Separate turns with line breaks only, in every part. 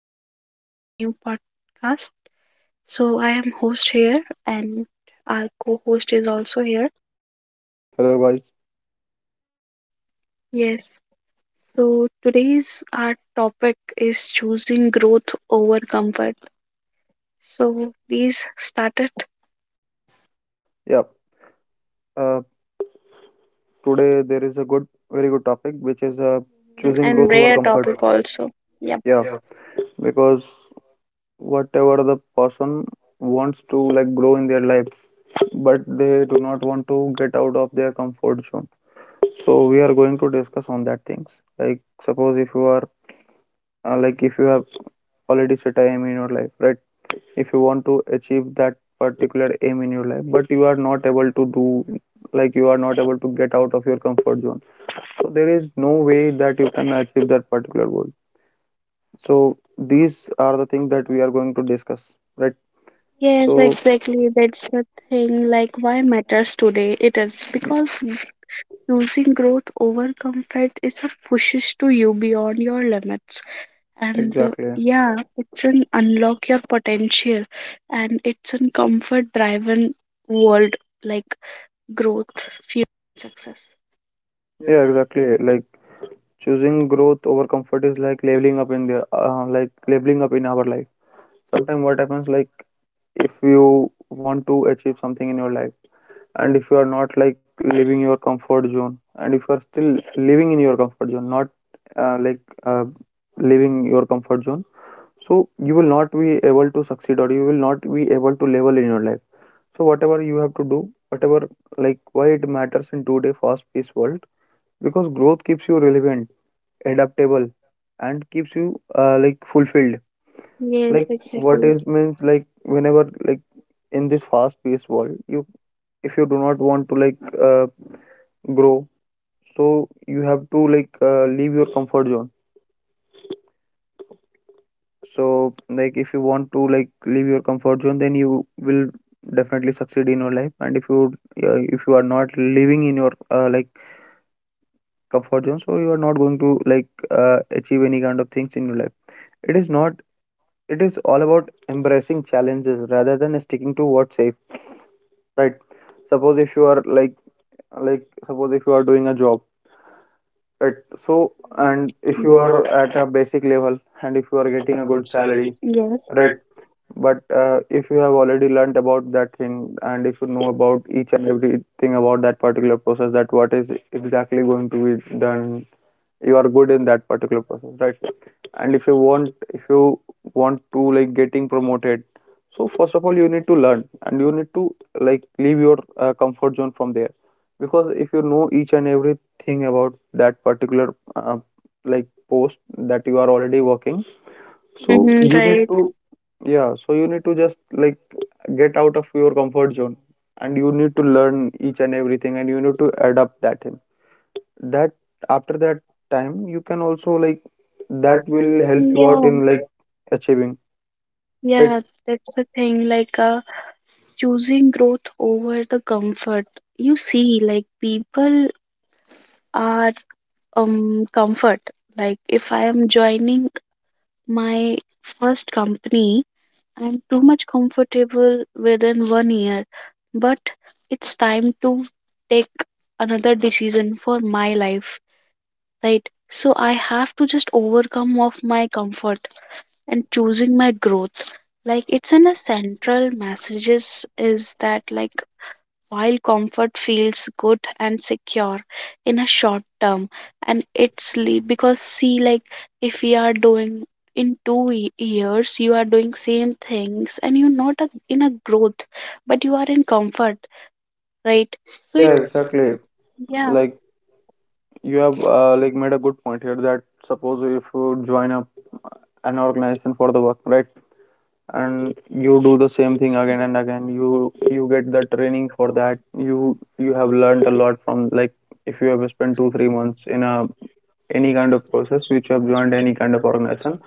here for a new podcast. So, I am host here and our co host is also here.
Hello guys.
Yes. So, today's our topic is choosing growth over comfort. So, please start it.
Yeah. Uh, Today there is a good, very good topic, which is
Mm-hmm.
choosing
And
growth over
rare
comfort.
topic also. Yep.
Yeah, because whatever the person wants to like grow in their life, but they do not want to get out of their comfort zone. So we are going to discuss on that things. Like suppose if you are like if you have already set a aim in your life, right? If you want to achieve that particular aim in your life but you are not able to do like you are not able to get out of your comfort zone. So there is no way that you can achieve that particular goal. So these are the things that we are going to discuss, right?
Yes,
So
exactly. That's the thing. Like, why matters today? It is because choosing growth over comfort is a pushes to you beyond your limits. And
exactly,
yeah, it's an unlock your potential and it's an comfort driven world, like growth, fuel, success.
yeah,
Yes,
exactly. Like choosing growth over comfort is like leveling up in the like leveling up in our life. Sometimes what happens like if you want to achieve something in your life, and if you are not like leaving your comfort zone, and if you are still living in your comfort zone, not uh, like uh, leaving your comfort zone, so you will not be able to succeed or you will not be able to level in your life, so whatever you have to do, whatever, like why it matters in today fast paced world, because growth keeps you relevant, adaptable and keeps you like fulfilled,
like, what
like what
exactly.
is means like whenever like in this fast paced world you if you do not want to like uh, grow, so you have to like leave your comfort zone. So, like, if you want to like leave your comfort zone, then you will definitely succeed in your life. And if you are not living in your like comfort zone, so you are not going to like achieve any kind of things in your life. It is not. It is all about embracing challenges rather than sticking to what's safe, right? Suppose if you are like suppose if you are doing a job, right? So
Hmm um,
and if
if
you
you are,
are at a basic level and if
if
you
you
are
are
getting
getting
a
a
good
good salary,
salary,
yes,
right?
right?
But if you have already learnt about that thing, and if you know about each and everything about that particular process, that what is exactly going to be done, you are good in that particular process, right? And if you want to like getting promoted, so first of all you need to learn, and you need to like leave your comfort zone from there, because if you know each and everything about that particular like post that you are already working,
So,
so
mm-hmm.
you need
Right. To
to yeah, so you need to just like get out of your comfort zone, and you need to learn each and everything, and you need to adapt that in that. After that time you can also like that
that will
will
help
help you
you
out
out,
in
yeah, right?
like achieving it.
Yeah, that's the thing. Like, choosing growth over the comfort, you see like people are comfort. Like if I am joining my first company, I'm too much comfortable within 1 year, but it's time to take another decision for my life, right? So I have to just overcome of my comfort and choosing my growth. Like it's in a central messages is that, like, while comfort feels good and secure in a short term, and because see, like if we are doing in years, you are doing same things and you're not a, in a growth, but you are in comfort, right? So
Yeah,
it,
exactly.
yeah,
Like you have like made a good point here that suppose if you join up an organization for the work, right? And you do the same thing again and
yes,
again, you get the training for that, you have learned a lot from like if you have spent 2 3 months in a any kind of process which you have joined any kind of organization,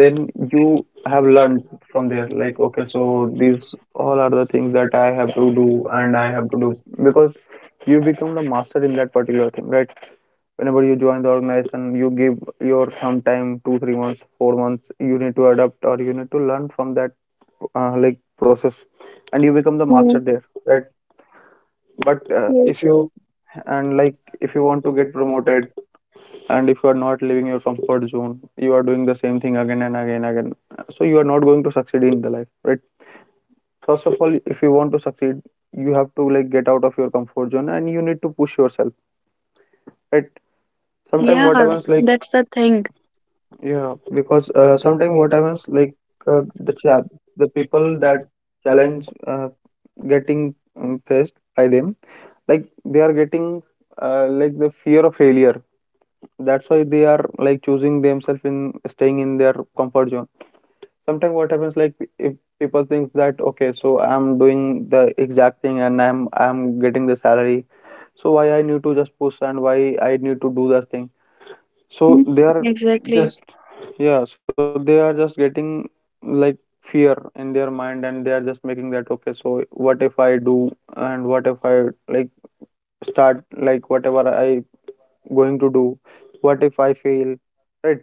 then you have learned from there like okay, so these all are the things that I have to do and I have to do, because you become the master in that particular thing, right? Whenever you join the organization you give your some time, 2 3 months, 4 months, you need to adapt or you need to learn from that like process, and
and
you
you
become
become
the
the
master
master.
there,
Right?
right?
But
But
yes,
if you
show
and like if you want to get
promoted.
promoted and if you are not leaving your comfort zone, you are doing the same thing again and again again, so you are not going to succeed in the life, right? First of all if you want to succeed, you have to like get out of your comfort zone and you need to push yourself, right?
Sometimes,
Sometimes
yeah,
what
internet
happens
like
like
that's the thing.
yeah, because
Sometimes
sometimes what
internet
happens like uh, the cha- the people
people
that
that challenge.
challenge getting faced by them, like they are getting like the fear of failure, that's why they are like choosing themselves in staying in their comfort zone. Sometimes what happens like if people think that okay, so I'm doing the exact thing and I'm getting the salary, so why I need to just push and why I need to do that thing,
So,
so
mhm.
they are
Exactly,
just
just
yeah, so they are just getting like fear in their mind and they are just making that okay, so what if I do and what if I like start like whatever I going to do? What if I fail? Right.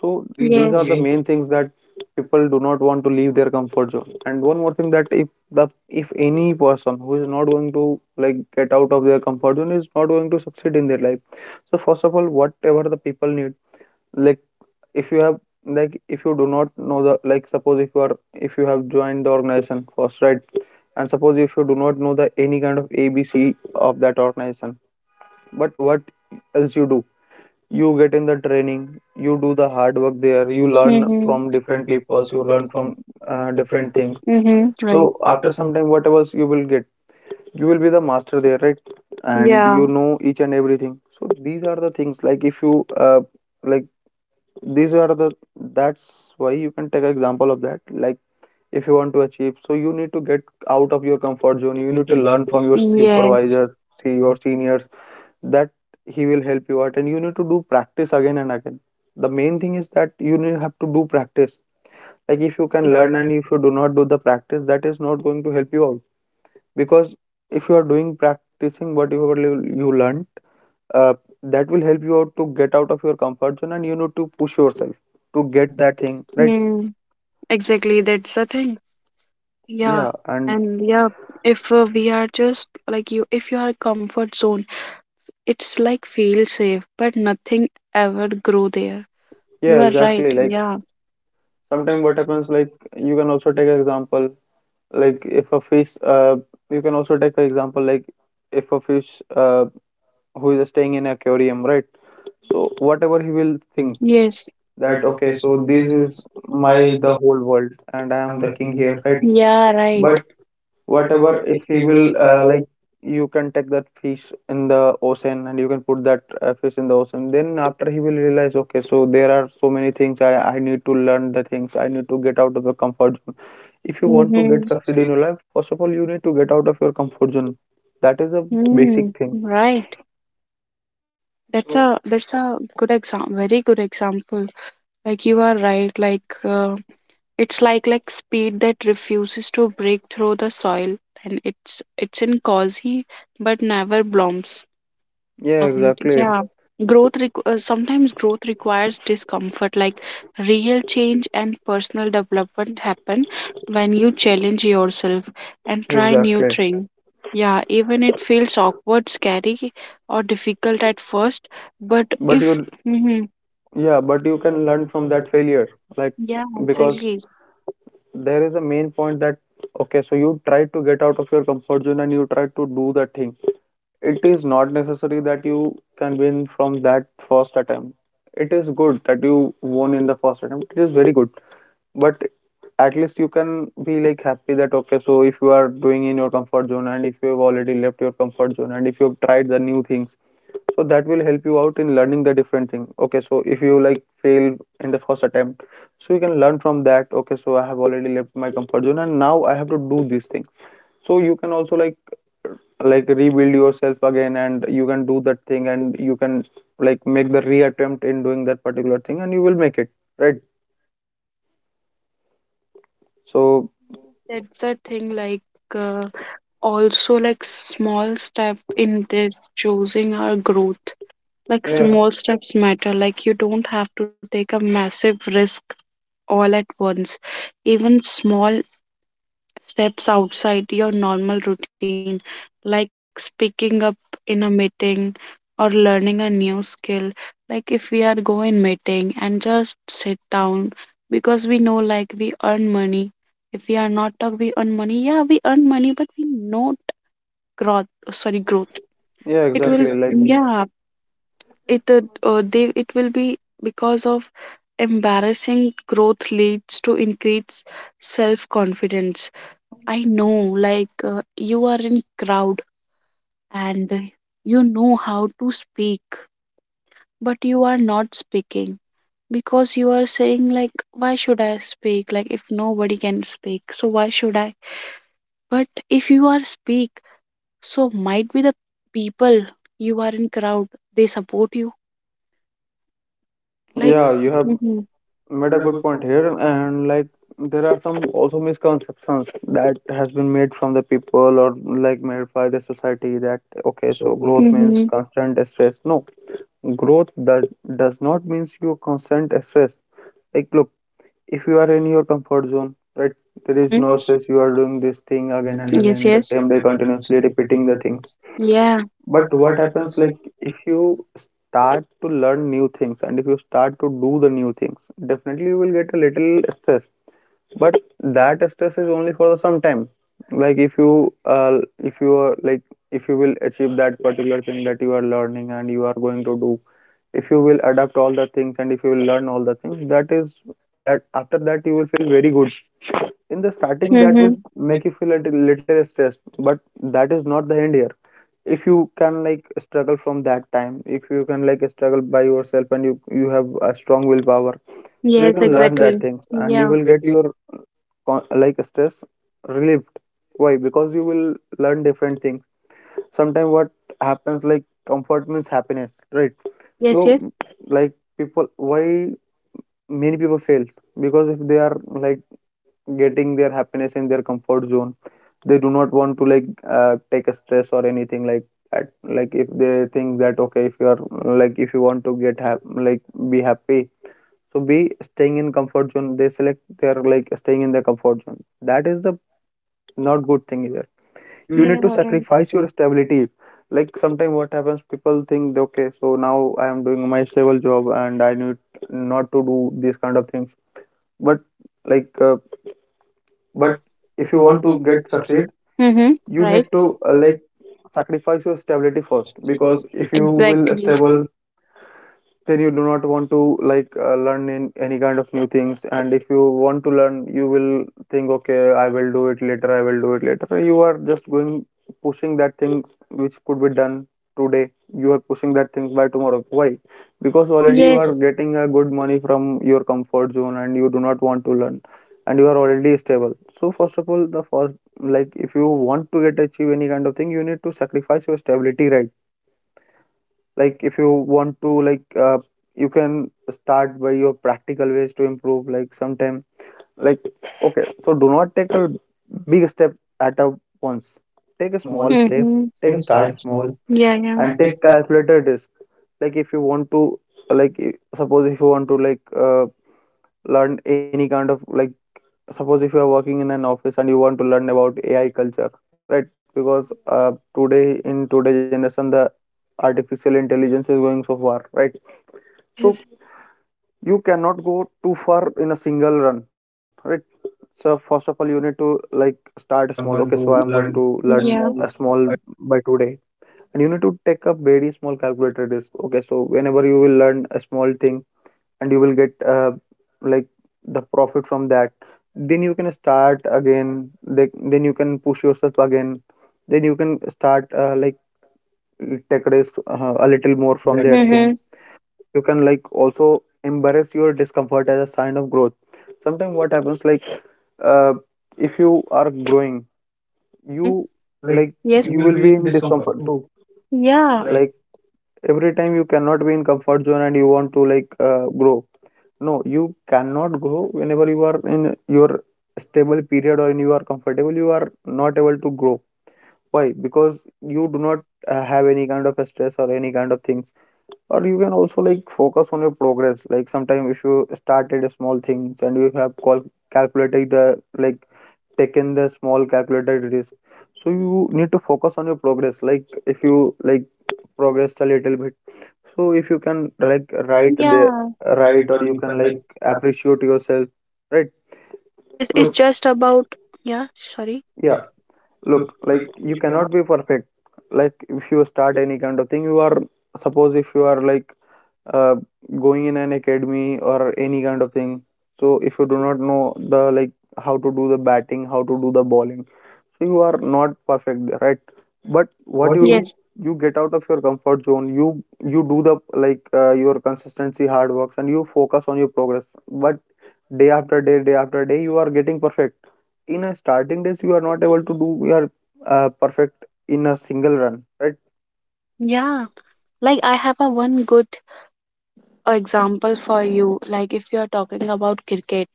So
these are
these
the,
are
yes,
the
main
main things that people do not want to leave their comfort zone. And one more thing that if the if any person who is not going to like get out of their comfort zone is not going to succeed in their life. So first of all, whatever the people need, like if you have like if you do not know the like suppose if you are if you have joined the organization first, right? And suppose if you do not know the any kind of abc of that organization, but what else you do, you get in the training, you do the hard work
things.
there,
You
you
learn,
learn
from
from
different
different
people.
people.
So
So
you
you
learn
learn
from
from
uh, different
different
things.
things,
Mm-hmm. So right. So
so
after
after
some,
some time what you will get, you will be the master there, right?
and
And
yeah,
you know each and everything. So these are the things like if you like these are the that's why you can take example of that like if you want to achieve, so you need to get out of your comfort zone, you
you
need
need
to
to
learn
learn from
from
your
your
people, yes, like yes,
supervisors, see
you
your seniors, that he will help you out, and you need to do practice again and again. The main thing is that you need have to do practice, like
need
if
to
you can
right, learn
learn
and
and if you do not do the practice, that is not going to help you out, because if you are doing practicing whatever you learned, uh, that will help you out to get out of your comfort zone, and you need to push yourself to get that thing, right?
mm, exactly, that's the thing. Yeah, yeah,
Yeah, and
and yeah, if we are just like you, if you are comfort zone, it's like feel safe, but nothing ever grow there. You,
yeah,
yeah, are right,
exactly.
exactly. Like
Like
yeah.
sometimes what happens like you can also take an example like if a fish you can also take an example like if a fish who is staying in aquarium, right? So whatever he will think
Yes.
that okay,
Okay, so
so this is my the whole world and I am the king here, right?
right? Yeah. Right.
But
But
whatever
whatever
if
if
he will
we uh,
like you can take that fish in the ocean and you can put that fish in the ocean, then after he will realize okay, so there are so many things I need to learn the things, I need to get out of the comfort zone. If you want to
hmm
get succeed in your life, first of all you need to get out of your comfort zone. That
that
is
is a
a
mm,
basic thing.
right. That's, so a, that's a good example, very good example. Like you are right. Like it's like speed that refuses to break through the soil, and it's in cause he, but never blooms.
Yeah,
And
exactly.
yeah, sometimes growth requires discomfort. Like real change and personal development happen when you challenge yourself and try new
Exactly,
thing. Yeah, even it feels awkward, scary, or difficult at first, but
but
if
you
hmm
yeah, but you can learn from that failure. Like,
yeah,
because
exactly.
there is a main point that, okay, so you try to get out of your comfort zone and you try to do that thing. It is not necessary that you can win from that first attempt. It is good that you won in the first attempt. It is very good. But at least you can be like happy that, okay, so if you are doing in your comfort zone and if you have already left your comfort zone and if you have tried the new things, so that will help you out in learning the different thing. Okay, so if you like fail in the first attempt, so you can learn from that. Okay, so I have already left my comfort zone and now I have to do this thing. So you can also like rebuild yourself again and you can do that thing and you can like make the reattempt in doing that particular thing and you will make it, right? So
That's the thing, like, uh, also like small step in this choosing our growth. Like yeah,
yeah,
small steps matter. Like you don't have to take a massive risk all at once. Even small steps outside your normal routine, like speaking up in a meeting or learning a new skill. Like if we are go in meeting and just sit down because we know like we earn money. If we are not talk, we earn money. Yeah, we earn money, but we not growth. Sorry, growth.
yeah,
It, yeah, will,
exactly. Like,
exactly, yeah, it they it will be because of embarrassing growth leads to increased self confidence. I know, like you are in crowd, and you know how to speak, but you are not speaking, because you are saying like why should I speak, like if nobody can speak so why should I. But if you are speak, so might be the people you are in crowd, they support you, like
yeah,
yeah,
you
yeah.
have
Mhm.
made a good point here. And like, there are some also misconceptions that has been made from the people or like made by the society that, okay,
Okay,
so
so
growth means
mm-hmm.
constant stress. No, growth does not means you constant stress. Like look, if you are in your comfort zone, right, there is no
Gnosis. Mm-hmm.
stress, you are doing this thing again and
Yes,
again, the
yes.
same day continuously repeating the thing.
Okay. Yeah.
But what happens, like, if you start to learn new things and if you start to do the new things, definitely you will get a little stress. But that stress is only for the some time. Like if you are like, if you will achieve that particular thing that you are learning and you are going to do, if you will adapt all the things and if you will learn all the things, that is that after that you will feel very good. In
In
the
the starting,
starting,
mm-hmm,
that will
level, like
make you feel a little little stressed, but that is not the end here. If you can like struggle from that time, if you can like struggle by yourself and you have a strong willpower,
you, yes,
so
can
you
learn that,
can learn that
exactly,
things
you,
and you
yeah, will
will
get
get
your
your like stress relieved. Why? Because you will learn different things. Sometimes what happens, like, comfort means happiness, right? So
yes, no, yes.
like, people, why many people fail, because if they are like getting their happiness in their comfort zone, they do not want to like take a stress or anything like that. Like if they think that, okay, if you are like, if you want to like be happy, so be staying in comfort zone, they select, they are like staying in their comfort zone, that is the not good thing either. You
You need,
need
yeah,
to
to right,
sacrifice
sacrifice
your
your
stability. Like sometimes what happens, people think that, okay, so now I am doing my stable job and I need not to do these kind of things. But like uh, but
but if
if you
you
want
want
to
to
get
get succeed,
succeed,
mm-hmm, you
you
right,
need
need
to
to
like
like
sacrifice your stability first,
first
because
because if
if
you
you
move in a
will
exactly stable
stable, then you do not want to like learn in any kind of new things. And if you want to learn, you will think, okay, I will do it later, I will do it later. So you are just going, pushing that things which could be done today, you are pushing that things by tomorrow. Why? Because
because already
already
you,
you
yes,
are
are
getting a good money from your comfort zone and you do not want to learn, and you are already stable. So first of all, the first, like, if you want to get achieve any kind of thing, you need to sacrifice your stability, right? Like if you want to like, you can start by your practical ways to improve. Like sometime, like, okay, so do not take a big step at a once, take a
yes, a small
small
kid,
step,
mm-hmm,
take a
take
start
start
small,
small, yeah, yeah,
and
and take
take
time
calculated risk. Like if you want to like, suppose if you want to like uh, learn any kind of like, suppose if you are working in an office and you want to learn about ai culture,
to
right?
work. Yes.
Because today, in today generation, the artificial intelligence is going so far, right?
So, yes,
So
yes,
you cannot go too far in a single run, right? So first of all, you need to like start
so
small.
I'm
Okay, so
going
I'm
to
going to
learn a
learn
yeah
a
small
small by today. And you need to take a very small calculated risk. Okay, so whenever you will learn a small thing and you will get like the profit from that, then you can start again, like, then you can push yourself again, then you can start like take risk a little more
from there.
from that
Mm-hmm.
thing. You can like also embrace your discomfort as a sign of growth. Sometimes what happens, like, uh, if you are growing,
Mm-hmm.
you
You like
like,
yes, you
you
will
will
be
be in discomfort too.
yeah, like
Like every time you cannot be in comfort zone and you want to like grow. No, you cannot grow whenever you are in your stable period or in you are comfortable, you are not able to grow. Why? Because you do not have any kind of stress or any kind of things. Or you can also like focus on your progress. Like sometime, if you started a small things and you have calculated the, like, taken the small calculated risk, so you need to focus on your progress. Like if you like progressed a little bit, so if you can
correct
like
right,
write
yes,
the,
yeah, right
write or
or
you
you
can
can like
like
uh,
appreciate yourself, right?
yes, it's look
Look,
just about yeah, sorry.
yeah, look, like you
You know
cannot be perfect. Like if you start any kind of thing, you are, suppose if you are like uh, going in an academy or any kind of thing. So if you do not know the, like, how to do the batting, how to do the bowling, so you are not perfect, there, right? But what
what is
you
it.
do,
Yes.
you get out of your comfort zone. You do the like your consistency, hard works, and you focus on your progress. But day after day, you are getting perfect. In a starting days, you are not able to do your perfect in a single run, right?
Yeah. Like I have a one good example for you. Like if you are talking about cricket,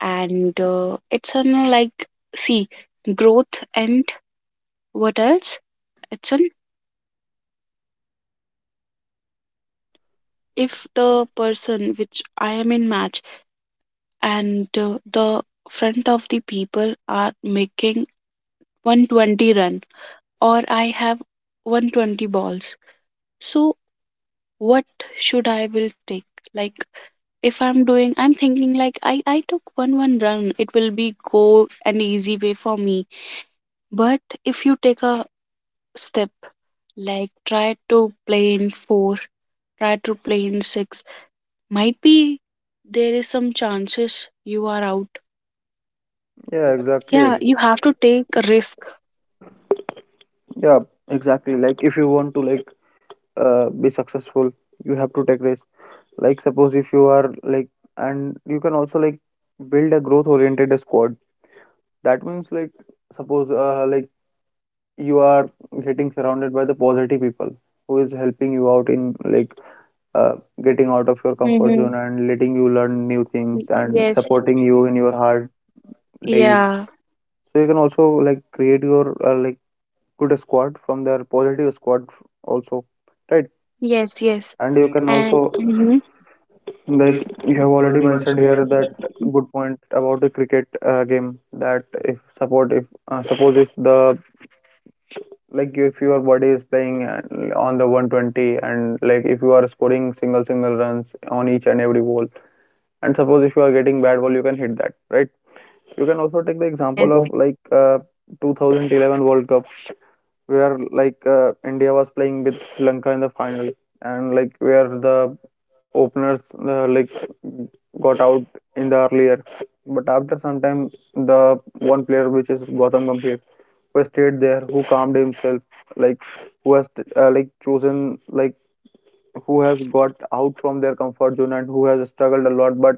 and it's on like, see, growth and what else? It's an, if the person which I am in match and the front of the people are making 120 run, or I have 120 balls, so what should I will take. Like if I'm doing, I'm thinking like I took one run, it will be go an easy way for me. But if you take a step, like try to play in four, try to play in six, might be there is some chances you are out.
Yeah, exactly.
Yeah, you have to take a risk.
Yeah, exactly. Like if you want to like be successful, you have to take risks. Like suppose if you are like, and you can also like build a growth oriented squad. That means like, suppose like, you are getting surrounded by the positive people who is helping you out in like uh, getting out of your comfort
Mm-hmm.
zone and letting you learn new things and
Yes.
supporting you in your hard days.
Yeah.
So you can also like create your like good squad from their positive squad also, right?
Yes. Yes.
And you can also,
And
like,
mhm.
you have already mentioned here that good point about the cricket game, that if support, if suppose if the, like, if your body is playing and on the 120, and like if you are scoring single single runs on each and every ball, and suppose if you are getting bad ball, you can hit that, right? You can also take the example
Yes.
of
On
like 2011 world cup, where like India was playing with Sri Lanka in the final, and like where the openers like got out in the earlier, but after some time the one player which is Gautam Gambhir, who stayed there, who calmed himself, like, who has like chosen, like, who has got out from their comfort zone and who has struggled a lot, but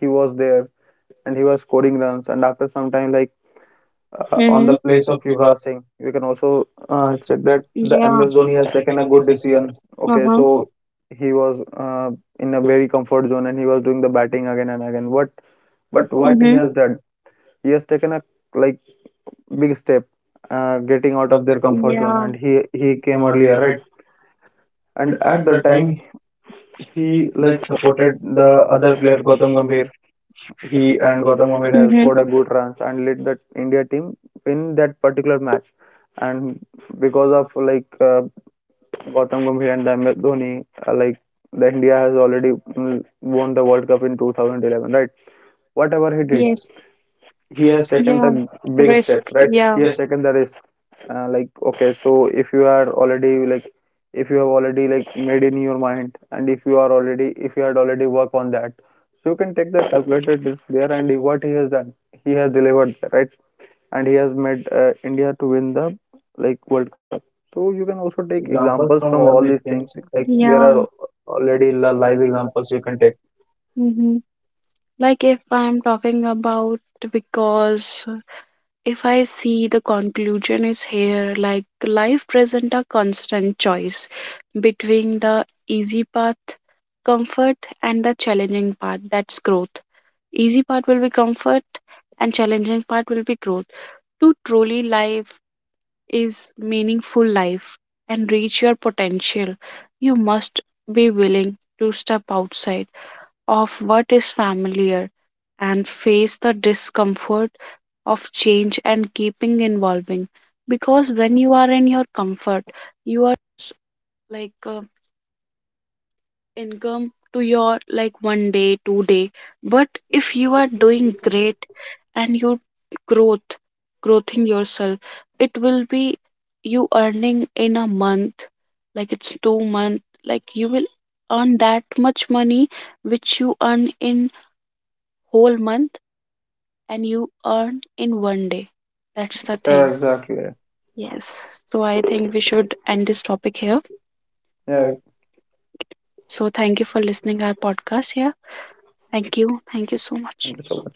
he was there and he was scoring runs. And after some time, like, on
mm-hmm,
the
the
place
place
of
of yoga.
Yuvraj Singh, we can also check
Check
that
that that,
the
yeah,
MS Dhoni
Amazon
has
has
taken
taken
a
a
good
good
decision.
decision. Okay,
Okay,
uh-huh,
so
so
he was in a very comfort zone and he was doing the batting again and again. What,
but
but
what
what
mm-hmm we
he
mm-hmm
has done? He has taken a, like, big step,
are
getting
getting
out
out
of
of
their
their
comfort
complaint,
zone,
yeah,
and he came
came
earlier,
earlier,
right?
right?
And
And
at
at the
that time,
time, he
he
like
like
supported
supported
the
the
other
other
player
player
Gautam
Gautam
Gambhir.
Gambhir. He
He and
and
Gautam
Gautam
Gambhir
Gambhir
has,
has scored a
mm-hmm,
good runs and led that India team in that particular match. And because of like Gautam Gambhir and MS Dhoni, like, the India has already won the World Cup in 2011, right? Whatever
scored
he
a hit.
did,
Yes.
he
He
has
has taken,
taken
yeah,
the
the big
big
risk
steps,
steps,
right?
right? Yeah.
He has
Yes.
taken the risk. Like, okay, so if you are already like, if you have already like made in your mind, and if you are already, if you had already worked on that, so you can take the calculated risk there. And what he has done, he has delivered, right? And he has made India to win the, like, World Cup. So you can also
Also
take
take
examples
examples
from
from
all
all
these
these
things.
things.
Like
Like there,
there
yeah, are
are already
many live
live examples
examples
you
you
can
can
take.
take. Mm-hmm. Like if I'm talking about because if I see the conclusion is here, like life present a constant choice between the easy path, comfort, and the challenging path. That's growth. Easy part will be comfort, and challenging part will be growth. To truly life is meaningful life and reach your potential, you must be willing to step outside of what is familiar and face the discomfort of change and keeping evolving. Because when you are in your comfort, s- like income to your like 1 day, 2 day, but if you are doing great and you growth, growthing yourself, it will be you earning in a month, like it's 2 month, like you will earn that much money which you earn in whole month and you earn in 1 day. That's the thing.
Exactly.
Yes. So I think we should end this topic here.
Yeah.
So thank you for listening our podcast here. Thank you. Thank you so
Thank
much.
you so much.